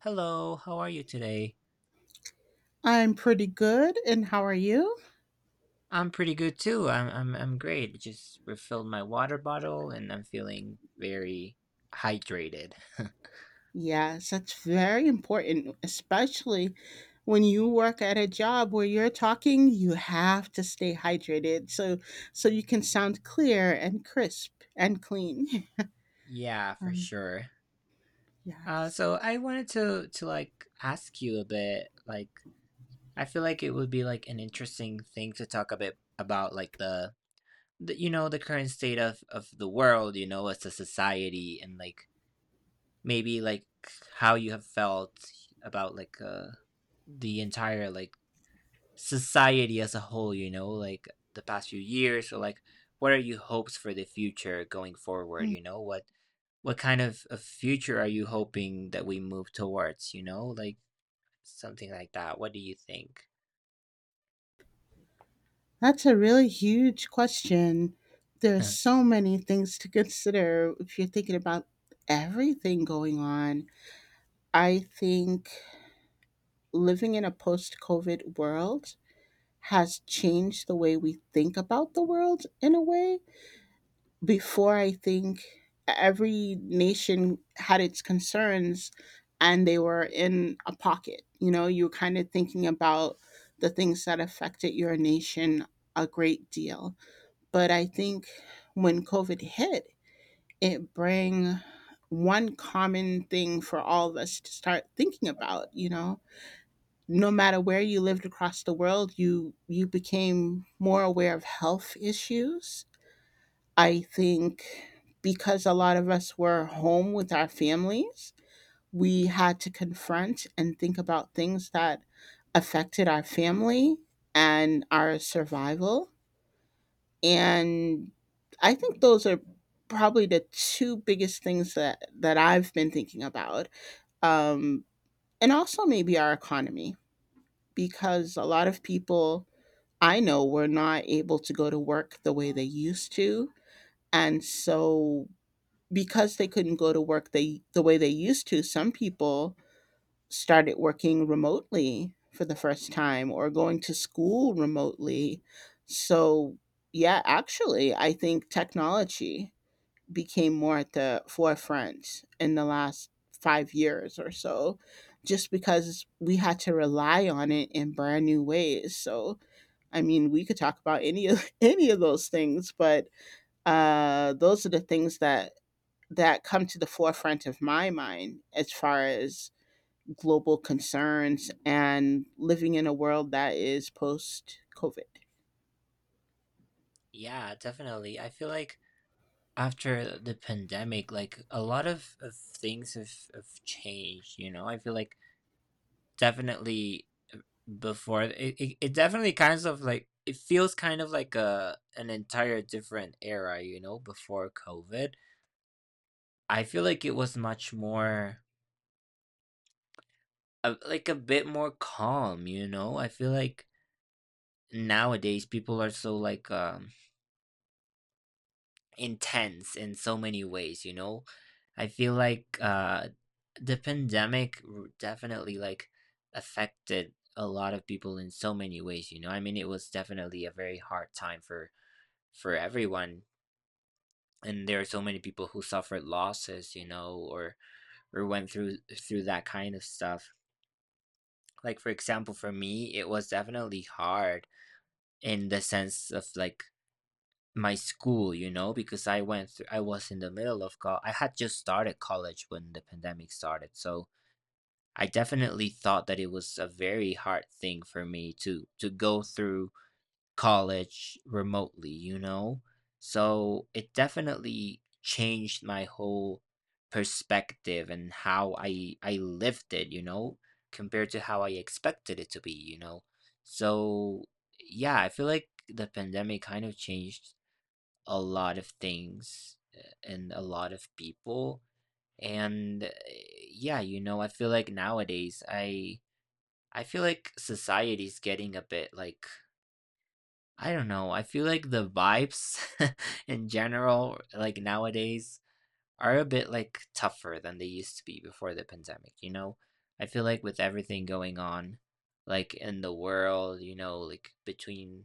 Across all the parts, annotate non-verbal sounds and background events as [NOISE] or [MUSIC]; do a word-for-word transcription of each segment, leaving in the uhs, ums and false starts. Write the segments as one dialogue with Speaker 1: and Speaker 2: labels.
Speaker 1: Hello, how are you today?
Speaker 2: I'm pretty good, and how are you?
Speaker 1: I'm pretty good too. I'm I'm I'm great. Just refilled my water bottle and I'm feeling very hydrated. [LAUGHS]
Speaker 2: Yes, that's very important, especially when you work at a job where you're talking, you have to stay hydrated so so you can sound clear and crisp and clean. [LAUGHS]
Speaker 1: Yeah, for
Speaker 2: Um,
Speaker 1: sure. Uh,
Speaker 2: yes.
Speaker 1: so I wanted to to like ask you a bit. Like, I feel like it would be like an interesting thing to talk a bit about, like the, the you know the current state of of the world, you know, as a society, and like maybe like how you have felt about like uh the entire like society as a whole, you know, like the past few years, or like what are your hopes for the future going forward,
Speaker 2: Hmm.
Speaker 1: you know? What what kind of, of future are you hoping that we move towards, you know? Like something like that. What do you think?
Speaker 2: That's a really huge question. There's
Speaker 1: [LAUGHS]
Speaker 2: so many things to consider if you're thinking about everything going on. I think living in a post-COVID world has changed the way we think about the world in a way. Before, I think every nation had its concerns and they were in a pocket. You know, you were kind of thinking about the things that affected your nation a great deal. But I think when COVID hit, it bring one common thing for all of us to start thinking about. You know, no matter where you lived across the world, you you became more aware of health issues, I think, because a lot of us were home with our families. We had to confront and think about things that affected our family and our survival. And I think those are probably the two biggest things that that i've been thinking about, um and also maybe our economy, because a lot of people, I know, we're not able to go to work the way they used to. And so because they couldn't go to work, they the way they used to, some people started working remotely for the first time, or going to school remotely. So yeah, actually I think technology became more at the forefront in the last five years or so, just because we had to rely on it in brand new ways. So I mean, we could talk about any of [LAUGHS] any of those things, but uh, those are the things that that come to the forefront of my mind as far as global concerns and living in a world that is post COVID.
Speaker 1: Yeah, definitely. I feel like after the pandemic, like a lot of, of things have, have changed, you know? I feel like definitely before it, it, it definitely kinds of like it feels kind of like a an entire different era, you know. Before COVID I feel like it was much more uh, like a bit more calm, you know. I feel like nowadays people are so like um intense in so many ways, you know. I feel like uh the pandemic r- definitely like affected a lot of people in so many ways, you know. I mean, it was definitely a very hard time for for everyone, and there are so many people who suffered losses, you know, or or went through through that kind of stuff. Like, for example, for me it was definitely hard in the sense of like my school, you know, because I went through, I was in the middle of college. I had just started college when the pandemic started. So I definitely thought that it was a very hard thing for me to to go through college remotely, you know? So it definitely changed my whole perspective and how I I lived it, you know, compared to how I expected it to be, you know. So yeah, I feel like the pandemic kind of changed a lot of things, uh, and a lot of people, and uh, yeah, you know, I feel like nowadays i i feel like society's getting a bit like, I don't know, I feel like the vibes [LAUGHS] in general like nowadays are a bit like tougher than they used to be before the pandemic, you know. I feel like with everything going on like in the world, you know, like between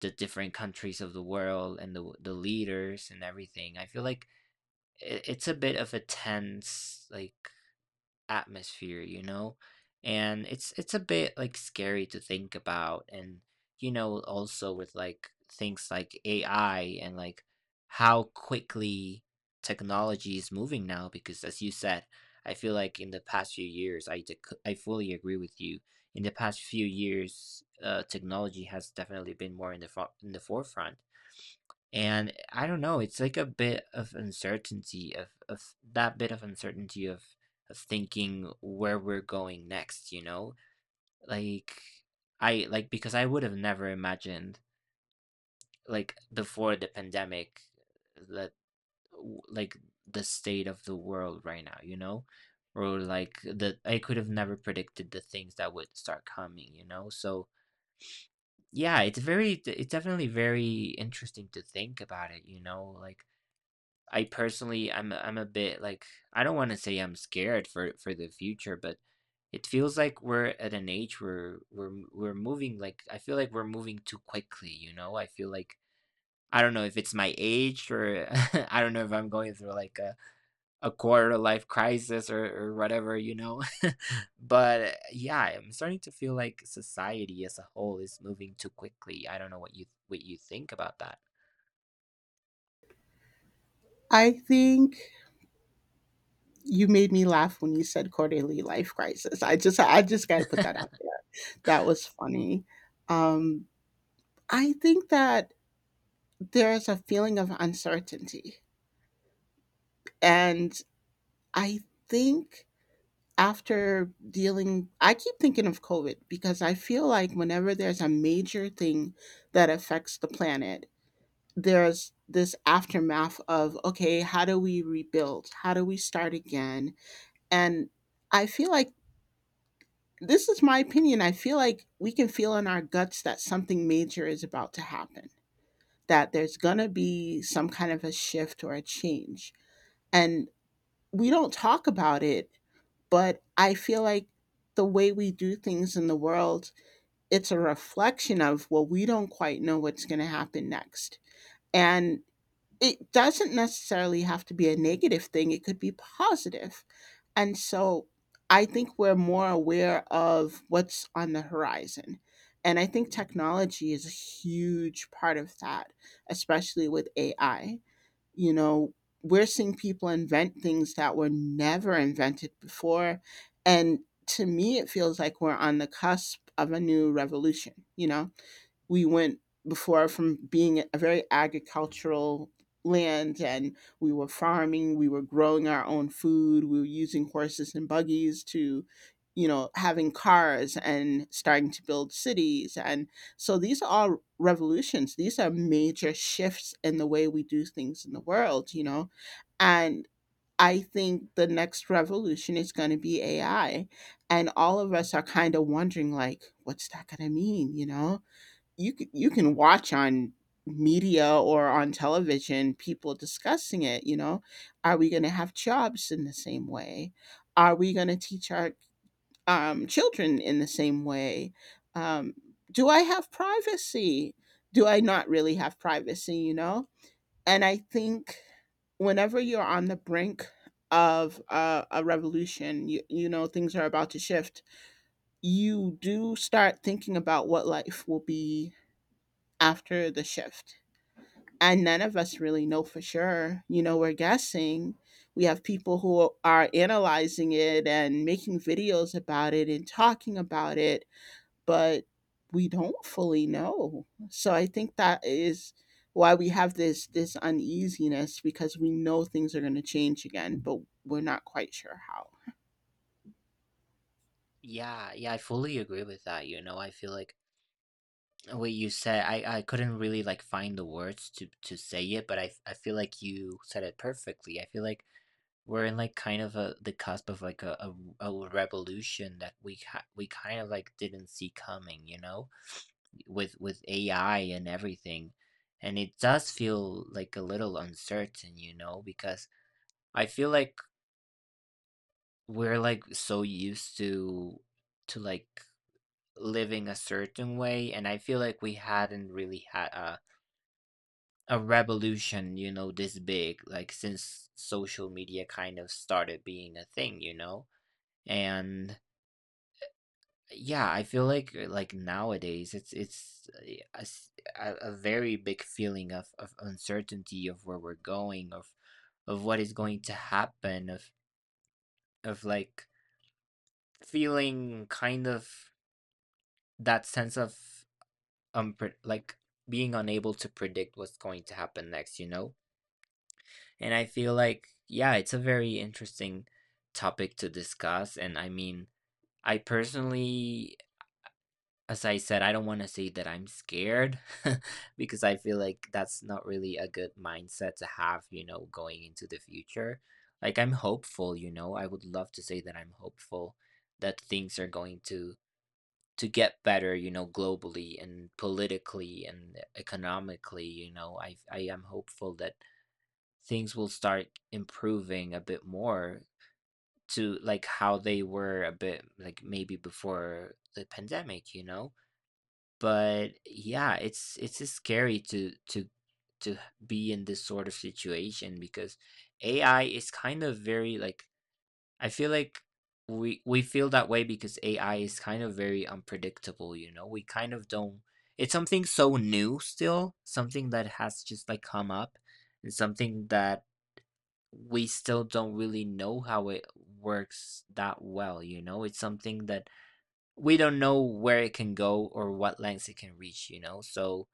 Speaker 1: the different countries of the world and the the leaders and everything, I feel like it, it's a bit of a tense like atmosphere, you know, and it's it's a bit like scary to think about. And you know, also with like things like AI, and like how quickly technology is moving now, because as you said, I feel like in the past few years i dec- I fully agree with you, in the past few years uh, technology has definitely been more in the fo- in the forefront. And I don't know, it's like a bit of uncertainty of of that bit of uncertainty of of thinking where we're going next, you know? Like I like, because I would have never imagined like before the pandemic that w- like the state of the world right now, you know? Or like, that I could have never predicted the things that would start coming, you know? So yeah, it's very it's definitely very interesting to think about it, you know? Like, I personally, I'm I'm a bit like, I don't want to say I'm scared for for the future, but it feels like we're at an age where we're we're moving, like I feel like we're moving too quickly. You know, I feel like I don't know if it's my age, or [LAUGHS] I don't know if I'm going through like a a quarter life crisis or or whatever. You know, [LAUGHS] but yeah, I'm starting to feel like society as a whole is moving too quickly. I don't know what you what you think about that.
Speaker 2: I think you made me laugh when you said quarterly life crisis. I just I just got to put that out there. That was funny. Um, I think that there's a feeling of uncertainty, and I think after dealing, I keep thinking of COVID because I feel like whenever there's a major thing that affects the planet, there's this aftermath of, okay, how do we rebuild? How do we start again? And I feel like, this is my opinion, I feel like we can feel in our guts that something major is about to happen, that there's going to be some kind of a shift or a change. And we don't talk about it, but I feel like the way we do things in the world, it's a reflection of, well, we don't quite know what's going to happen next. And it doesn't necessarily have to be a negative thing, it could be positive. And so I think we're more aware of what's on the horizon. And I think technology is a huge part of that, especially with A I. You know, we're seeing people invent things that were never invented before. And to me, it feels like we're on the cusp of a new revolution, you know? We went before from being a very agricultural land, and we were farming, we were growing our own food, we were using horses and buggies, to, you know, having cars and starting to build cities. And so these are all revolutions, these are major shifts in the way we do things in the world, you know. And I think the next revolution is going to be AI, and all of us are kind of wondering like, what's that going to mean, you know? You c- you can watch on media or on television people discussing it. You know, are we going to have jobs in the same way? Are we going to teach our um, children in the same way? um, do I have privacy, do I not really have privacy, you know? And I think, whenever you're on the brink of uh, a revolution, you, you know things are about to shift, you do start thinking about what life will be after the shift. And none of us really know for sure. You know, we're guessing. We have people who are analyzing it and making videos about it and talking about it, but we don't fully know. So I think that is why we have this this uneasiness, because we know things are going to change again, but we're not quite sure how.
Speaker 1: Yeah, yeah, I fully agree with that. You know, I feel like what you said, I I couldn't really like find the words to to say it, but I I feel like you said it perfectly. I feel like we're in like kind of a the cusp of like a a, a revolution that we ha- we kind of like didn't see coming, you know, with with A I and everything. And it does feel like a little uncertain, you know, because I feel like we're like so used to to like living a certain way, and I feel like we hadn't really had a a revolution, you know, this big, like since social media kind of started being a thing, you know? And yeah, I feel like like nowadays it's it's a, a s- a- a very big feeling of, of uncertainty of where we're going, of of what is going to happen, of of like feeling kind of that sense of um like being unable to predict what's going to happen next, you know? And I feel like, yeah, it's a very interesting topic to discuss. And I mean, I personally, as I said, I don't want to say that I'm scared [LAUGHS] because I feel like that's not really a good mindset to have, you know, going into the future. Like, I'm hopeful, you know, I would love to say that I'm hopeful that things are going to to get better, you know, globally and politically and economically. You know, i i am hopeful that things will start improving a bit more, to like how they were a bit like maybe before the pandemic, you know? But yeah, it's it's just scary to to to be in this sort of situation because A I is kind of very like, I feel like we we feel that way because A I is kind of very unpredictable, you know? We kind of don't, it's something so new still, something that has just like come up, and something that we still don't really know how it works that well, you know? It's something that we don't know where it can go or what lengths it can reach, you know? So,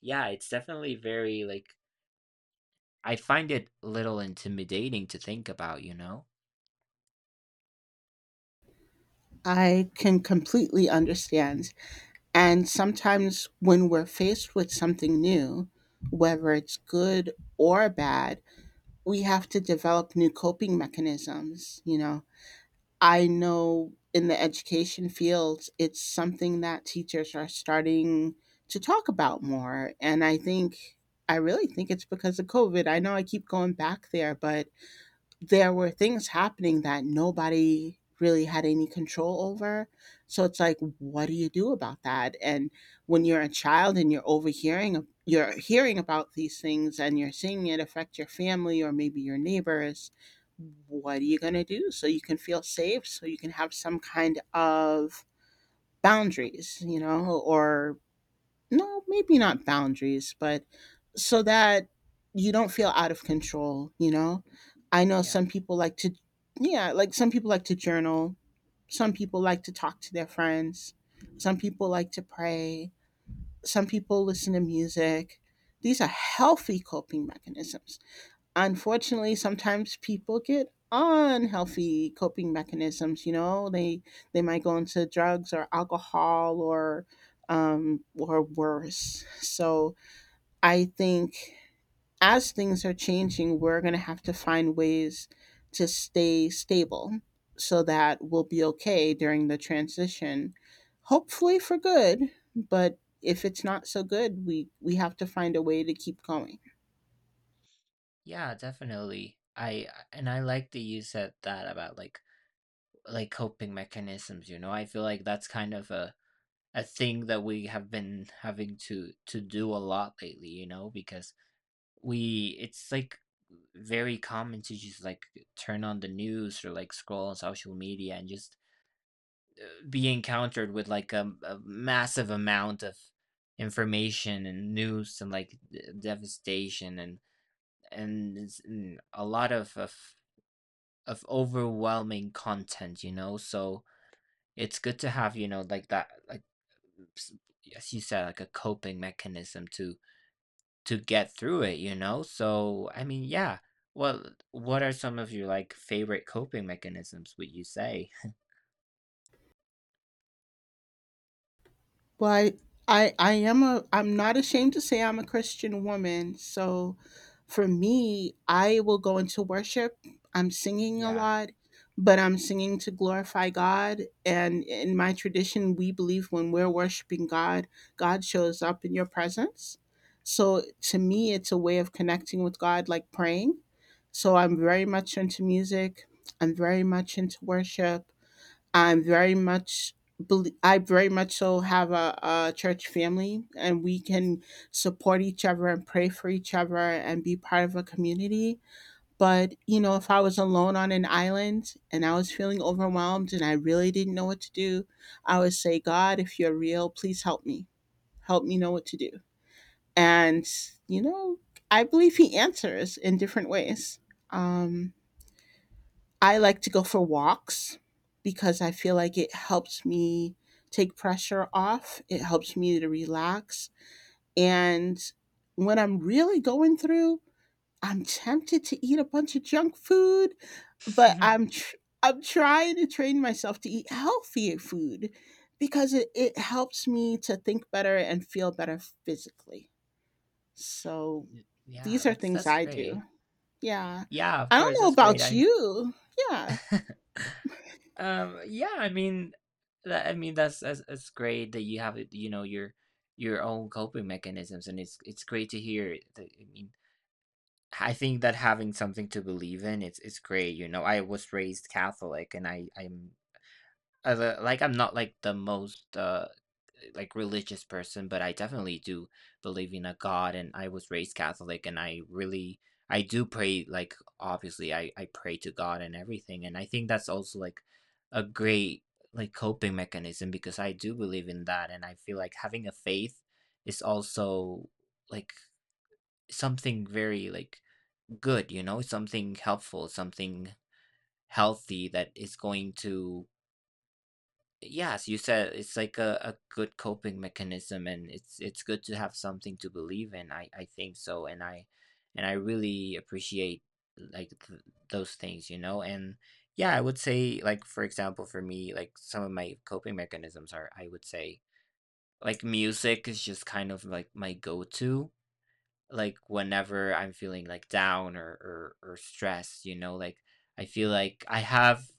Speaker 1: yeah, it's definitely very like, I find it a little intimidating to think about, you know?
Speaker 2: I can completely understand. And sometimes when we're faced with something new, whether it's good or bad, we have to develop new coping mechanisms. You know, I know in the education field, it's something that teachers are starting to talk about more. And I think, I really think, it's because of COVID. I know I keep going back there, but there were things happening that nobody really had any control over. So it's like, what do you do about that? And when you're a child and you're overhearing, you're hearing about these things, and you're seeing it affect your family or maybe your neighbors, what are you going to do so you can feel safe, so you can have some kind of boundaries, you know, or no, maybe not boundaries, but so that you don't feel out of control, you know? I know
Speaker 1: Yeah.
Speaker 2: some people like to, yeah, like some people like to journal. Some people like to talk to their friends. Some people like to pray. Some people listen to music. These are healthy coping mechanisms. Unfortunately, sometimes people get unhealthy coping mechanisms. You know, they they might go into drugs or alcohol, or um or worse. So I think, as things are changing, we're going to have to find ways to stay stable, so that we'll be okay during the transition, hopefully for good. But if it's not so good, we we have to find a way to keep going.
Speaker 1: Yeah, definitely. I and I like that you said that about like like coping mechanisms, you know? I feel like that's kind of a a thing that we have been having to to do a lot lately, you know, because we it's like very common to just like turn on the news, or like scroll on social media, and just be encountered with like a, a massive amount of information and news and like d- devastation and and, it's- and a lot of, of of overwhelming content, you know. So it's good to have, you know, like that like s- as you said, like a coping mechanism to to get through it, you know? So, I mean, yeah. Well, what are some of your like favorite coping mechanisms, would you say? [LAUGHS]
Speaker 2: Well, I, I I am a I'm not ashamed to say I'm a Christian woman. So for me, I will go into worship. I'm singing a
Speaker 1: Yeah.
Speaker 2: lot, but I'm singing to glorify God. And in my tradition, we believe when we're worshiping God, God shows up in your presence. So to me, it's a way of connecting with God, like praying. So I'm very much into music. I'm very much into worship. I'm very much belie- I very much so have a, a church family, and we can support each other and pray for each other and be part of a community. But you know, if I was alone on an island and I was feeling overwhelmed and I really didn't know what to do, I would say, God, if you're real, please help me. Help me know what to do. And you know, I believe He answers in different ways. Um, I like to go for walks because I feel like it helps me take pressure off. It helps me to relax. And when I'm really going through, I'm tempted to eat a bunch of junk food, but
Speaker 1: [LAUGHS]
Speaker 2: I'm tr- I'm trying to train myself to eat healthier food, because it, it helps me to think better and feel better physically. So
Speaker 1: Y- Yeah,
Speaker 2: these are
Speaker 1: that's
Speaker 2: things
Speaker 1: that's
Speaker 2: I
Speaker 1: great.
Speaker 2: do. Yeah.
Speaker 1: Yeah, of
Speaker 2: I don't
Speaker 1: course,
Speaker 2: know
Speaker 1: that's great.
Speaker 2: about
Speaker 1: I
Speaker 2: you. Yeah.
Speaker 1: [LAUGHS] um yeah, I mean that I mean that's that's, that's great that you have it, you know, your your own coping mechanisms, and it's it's great to hear that. I mean, I think that having something to believe in it's it's great, you know. I was raised Catholic and I I'm as a like I'm not like the most uh like religious person, but I definitely do believe in a God, and I was raised Catholic, and I really I do pray, like obviously I I pray to God and everything, and I think that's also like a great like coping mechanism, because I do believe in that, and I feel like having a faith is also like something very like good, you know, something helpful, something healthy that is going to. Yes, you said it's like a, a good coping mechanism, and it's it's good to have something to believe in. I, I think so, and I and I really appreciate like th- those things, you know? And yeah, I would say like for example for me like some of my coping mechanisms are, I would say like music is just kind of like my go-to, like whenever I'm feeling like down, or, or or stressed, you know, like I feel like I have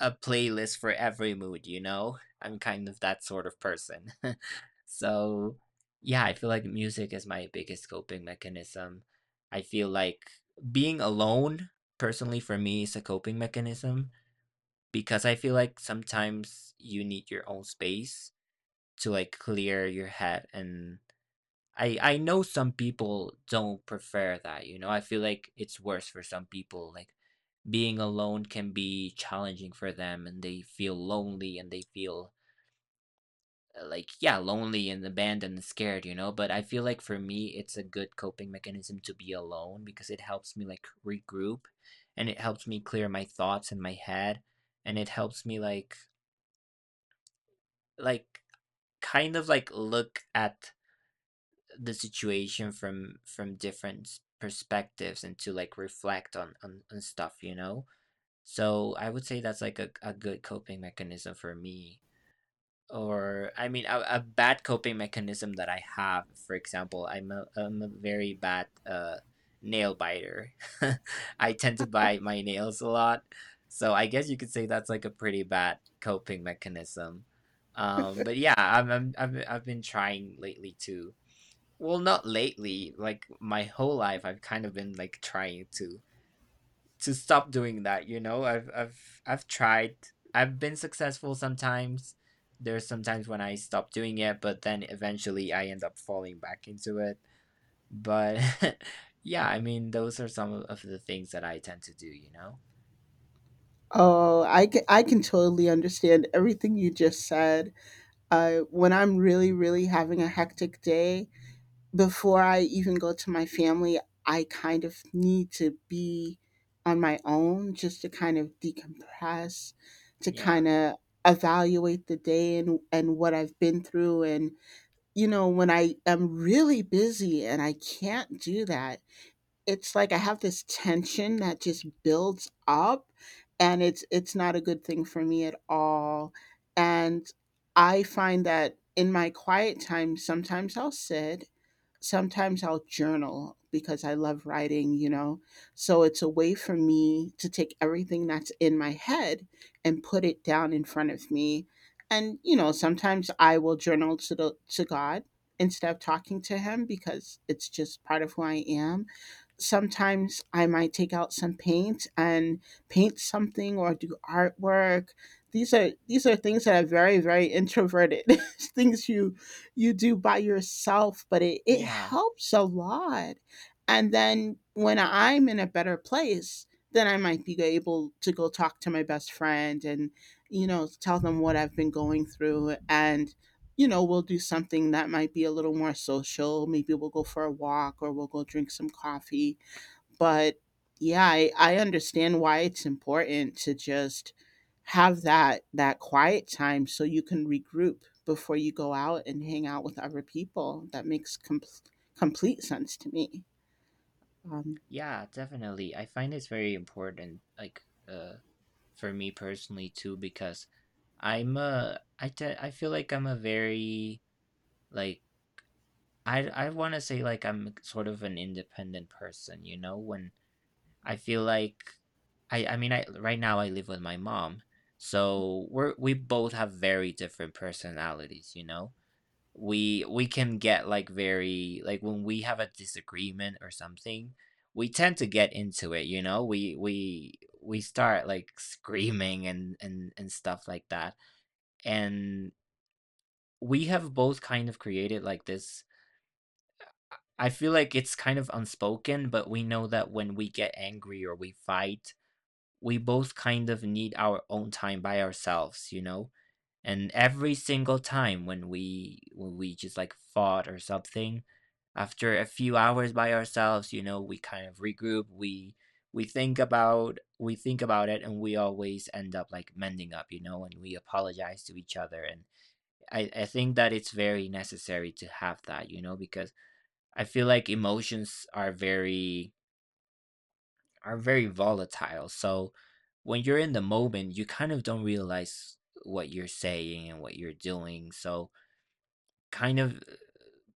Speaker 1: a playlist for every mood, you know? [LAUGHS] I'm kind of that sort of person. [LAUGHS] So yeah, I feel like music is my biggest coping mechanism. I feel like being alone personally for me is a coping mechanism because I feel like sometimes you need your own space to like clear your head and I I know some people don't prefer that, you know. I feel like it's worse for some people. Like being alone can be challenging for them and they feel lonely and they feel uh, like yeah, lonely and abandoned and scared, you know. But I feel like for me it's a good coping mechanism to be alone because it helps me like regroup and it helps me clear my thoughts in my head and it helps me like like kind of like look at the situation from from different perspectives and to like reflect on on, on stuff, you know. So I would say that's like a, a good coping mechanism for me. Or I mean, a, a bad coping mechanism that I have, for example, i'm a, I'm a very bad uh nail biter. [LAUGHS] I tend to bite my nails a lot, so I guess you could say that's like a pretty bad coping mechanism. um but yeah, i'm, I'm i've, I've been trying lately to— well, not lately. Like my whole life, I've kind of been like trying to to stop doing that. You know, I've I've I've tried. I've been successful sometimes. There's sometimes when I stop doing it, but then eventually I end up falling back into it. But [LAUGHS] yeah, I mean, those are some of the things that I tend to do, you know?
Speaker 2: Oh, I can, I can totally understand everything you just said. Uh, when I'm really, really having a hectic day, before I even go to my family, I kind of need to be on my own just to kind of decompress, to
Speaker 1: Yeah,
Speaker 2: kind of evaluate the day, and, and what I've been through. And you know, when I am really busy and I can't do that, it's like I have this tension that just builds up, and it's it's not a good thing for me at all. And I find that in my quiet time, sometimes I'll sit, sometimes I'll journal, because I love writing, you know. So it's a way for me to take everything that's in my head and put it down in front of me. And you know, sometimes I will journal to the to God instead of talking to him, because it's just part of who I am. Sometimes I might take out some paint and paint something or do artwork. These are these are things that are very, very introverted [LAUGHS] things you you do by yourself, but it it
Speaker 1: yeah,
Speaker 2: helps a lot. And then when I'm in a better place, then I might be able to go talk to my best friend and, you know, tell them what I've been going through. And you know, we'll do something that might be a little more social. Maybe we'll go for a walk or we'll go drink some coffee. But yeah, I, I understand why it's important to just have that that quiet time, so you can regroup before you go out and hang out with other people. That makes com- complete sense to me. um,
Speaker 1: yeah. Definitely, I find it's very important. Like, uh, for me personally too, because I'm a I te- I feel like I'm a very— like I I want to say like I'm sort of an independent person, you know. When I feel like I I mean, I right now I live with my mom. So we're we both have very different personalities, you know. We we can get like very— like when we have a disagreement or something, we tend to get into it, you know. We we we start like screaming and and and stuff like that. And we have both kind of created like this— I feel like it's kind of unspoken, but we know that when we get angry or we fight, we both kind of need our own time by ourselves, you know? And every single time when we when we just like fought or something, after a few hours by ourselves, you know, we kind of regroup, we— we think about we think about it, and we always end up like mending up, you know, and we apologize to each other. And I, I think that it's very necessary to have that, you know, because I feel like emotions are very— are very volatile. So when you're in the moment, you kind of don't realize what you're saying and what you're doing. So kind of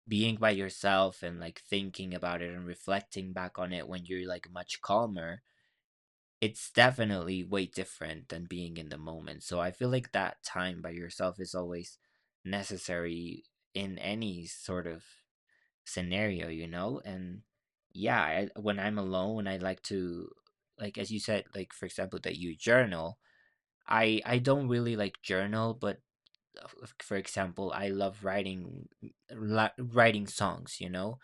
Speaker 1: being by yourself and like thinking about it and reflecting back on it when you're like much calmer, it's definitely way different than being in the moment. So I feel like that time by yourself is always necessary in any sort of scenario, you know? And yeah, I, when I'm alone, I like to, like, as you said, like, for example, that you journal. I, I don't really like journal, but uh, f- for example, I love writing, li- writing songs, you know?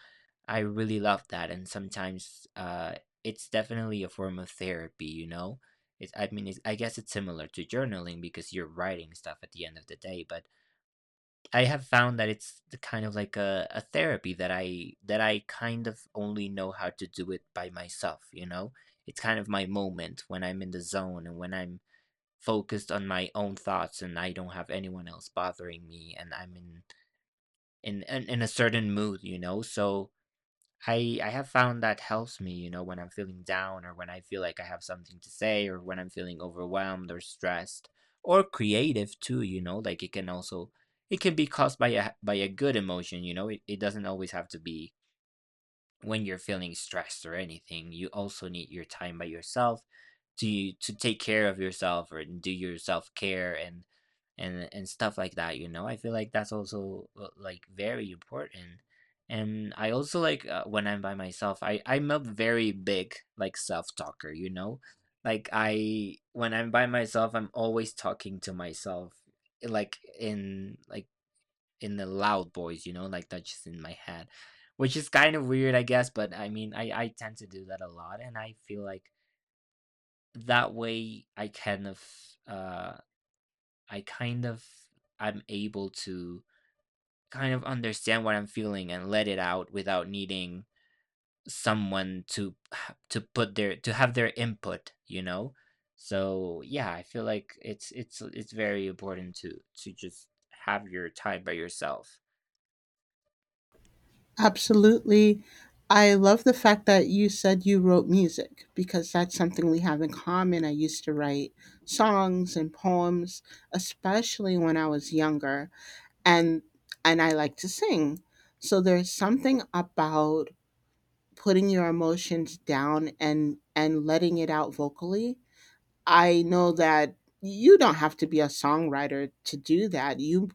Speaker 1: I really love that. And sometimes, uh, it's definitely a form of therapy, you know? It's, I mean, it's, I guess it's similar to journaling because you're writing stuff at the end of the day, but I have found that it's the kind of like a, a therapy that I that I kind of only know how to do it by myself, you know? It's kind of my moment when I'm in the zone and when I'm focused on my own thoughts and I don't have anyone else bothering me and I'm in in in, in a certain mood, you know? So I I have found that helps me, you know, when I'm feeling down or when I feel like I have something to say or when I'm feeling overwhelmed or stressed or creative too, you know. Like it can also— it can be caused by a by a good emotion, you know. It, it doesn't always have to be when you're feeling stressed or anything. You also need your time by yourself to to take care of yourself or do your self care and and and stuff like that. You know, I feel like that's also uh, like very important. And I also like— uh, when I'm by myself, I I'm a very big like self talker. You know, like I when I'm by myself, I'm always talking to myself, like, in— like in the loud voice, you know, like that's just in my head, which is kind of weird, I guess. But I mean, I I tend to do that a lot, and I feel like that way I kind of— uh I kind of— I'm able to kind of understand what I'm feeling and let it out without needing someone to— to put their to have their input, you know. So yeah, I feel like it's it's it's very important to to just have your time by yourself.
Speaker 2: Absolutely. I love the fact that you said you wrote music, because that's something we have in common. I used to write songs and poems, especially when I was younger, and and I like to sing. So there's something about putting your emotions down and and letting it out vocally. I know that you don't have to be a songwriter to do that. You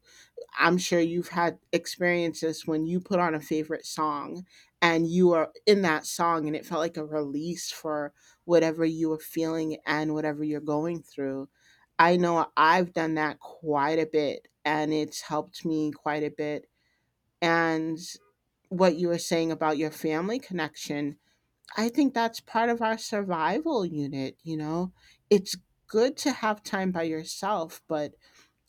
Speaker 2: I'm sure you've had experiences when you put on a favorite song and you are in that song, and it felt like a release for whatever you were feeling and whatever you're going through. I know I've done that quite a bit, and it's helped me quite a bit. And what you were saying about your family connection, I think that's part of our survival unit, you know? It's good to have time by yourself, but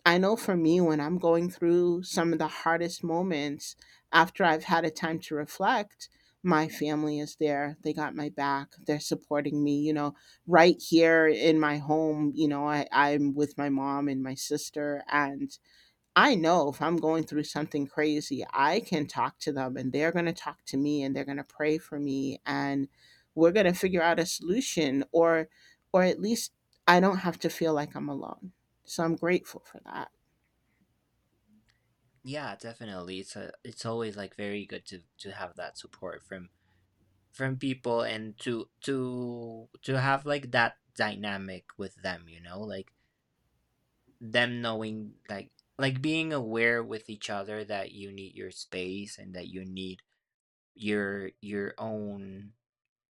Speaker 2: I know for me, when I'm going through some of the hardest moments, after I've had a time to reflect, my family is there. They got my back. They're supporting me, you know, right here in my home. You know, I, I'm with my mom and my sister. And I know if I'm going through something crazy, I can talk to them, and they're going to talk to me, and they're going to pray for me. And we're going to figure out a solution, or, or at least I don't have to feel like I'm alone. So I'm grateful for that.
Speaker 1: Yeah, definitely. It's a, it's always like very good to to have that support from from people, and to to to have like that dynamic with them, you know. Like them knowing like— like being aware with each other that you need your space and that you need your your own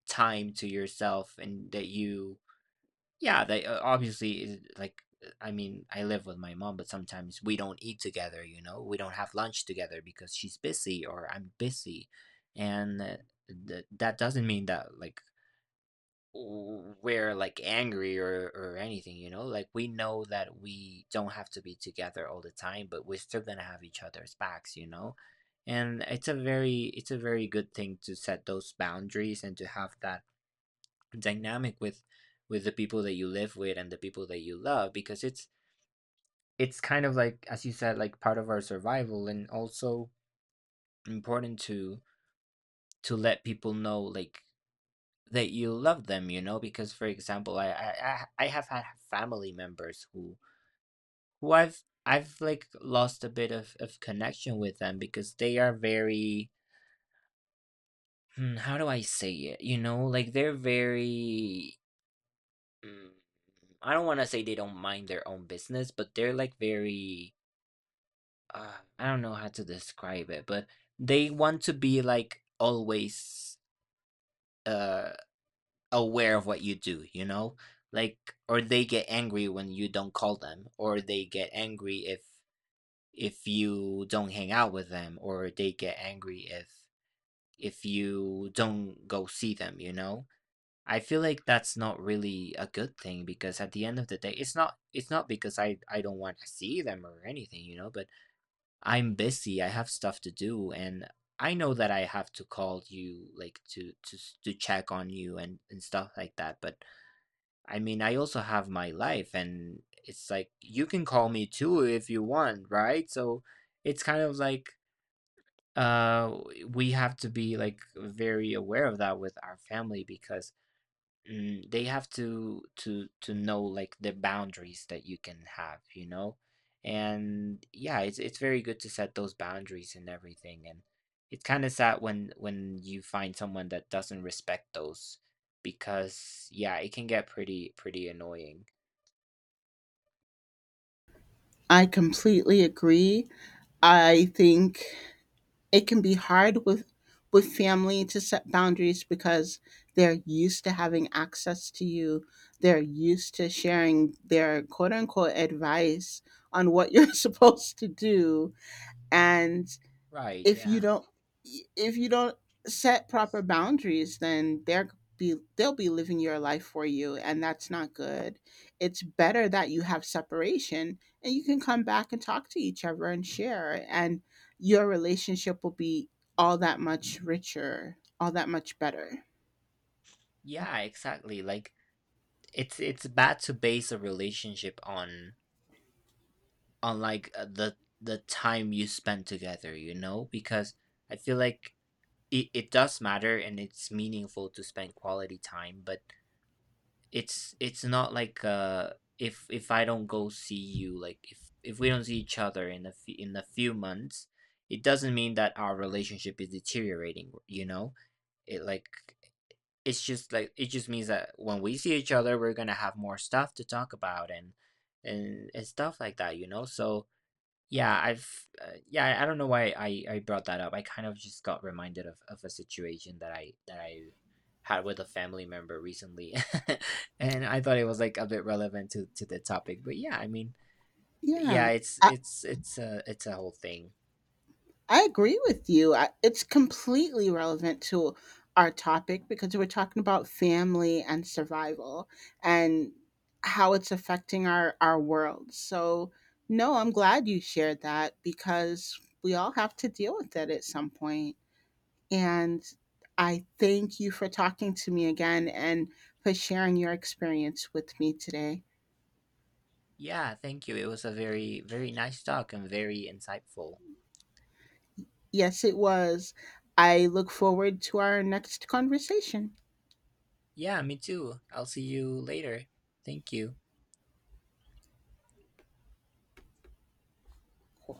Speaker 1: time to yourself, and that you— yeah, they uh, obviously is- like uh, I mean, I live with my mom, but sometimes we don't eat together, you know? We don't have lunch together because she's busy or I'm busy. And uh, th- that doesn't mean that like w- we're like angry or or anything, you know? Like we know that we don't have to be together all the time, but we're still gonna have each other's backs, you know? And it's a very— it's a very good thing to set those boundaries and to have that dynamic with with the people that you live with and the people that you love, because it's it's kind of like, as you said, like part of our survival, and also important to to let people know like that you love them, you know. Because for example, i i i I have had family members who who i've i've like lost a bit of of connection with them, because they are very— hmm, how do I say it, you know. Like they're very— mm, I don't want to say they don't mind their own business, but they're like very, uh, I don't know how to describe it, but they want to be like always uh aware of what you do, you know? Like, or they get angry when you don't call them, or they get angry if if you don't hang out with them, or they get angry if if you don't go see them, you know? I feel like that's not really a good thing, because at the end of the day, it's not it's not because I I don't want to see them or anything, you know, but I'm busy, I have stuff to do. And I know that I have to call you, like, to to s- to check on you and and stuff like that, but I mean, I also have my life, and it's like you can call me too if you want, right? So it's kind of like— uh we have to be like very aware of that with our family, because mm, they have to to to know like the boundaries that you can have, you know. And yeah, it's it's very good to set those boundaries and everything, and it's kind of sad when when you find someone that doesn't respect those, because yeah, it can get pretty pretty annoying.
Speaker 2: I completely agree. I think it can be hard with with family to set boundaries, because they're used to having access to you. They're used to sharing their quote unquote advice on what you're [LAUGHS] supposed to do. And
Speaker 1: Right,
Speaker 2: if you
Speaker 1: yeah.
Speaker 2: don't if you don't set proper boundaries, then they're be they'll be living your life for you, and that's not good. It's better that you have separation, and you can come back and talk to each other and share, and your relationship will be all that much richer, all that much better.
Speaker 1: Yeah, exactly. Like it's it's bad to base a relationship on on like, uh, the the time you spend together, you know, because I feel like it, it does matter and it's meaningful to spend quality time, but it's it's not like uh if if i don't go see you, like if if we don't see each other in a few— in a few months, it doesn't mean that our relationship is deteriorating, you know. It like— it's just like— it just means that when we see each other we're gonna have more stuff to talk about and and and stuff like that, you know. So yeah, I've uh, yeah, I I don't know why I I brought that up. I kind of just got reminded of of a situation that I that I had with a family member recently. [LAUGHS] And I thought it was like a bit relevant to to the topic. But yeah, I mean, yeah,
Speaker 2: Yeah,
Speaker 1: it's it's it's a it's a whole thing.
Speaker 2: I agree with you. I, it's completely relevant to our topic, because we're talking about family and survival and how it's affecting our, our world. So, no, I'm glad you shared that, because we all have to deal with it at some point. And I thank you for talking to me again and for sharing your experience with me today.
Speaker 1: Yeah, thank you. It was a very very nice talk and very insightful.
Speaker 2: Yes, it was. I look forward to our next conversation.
Speaker 1: Yeah, me too. I'll see you later. Thank you.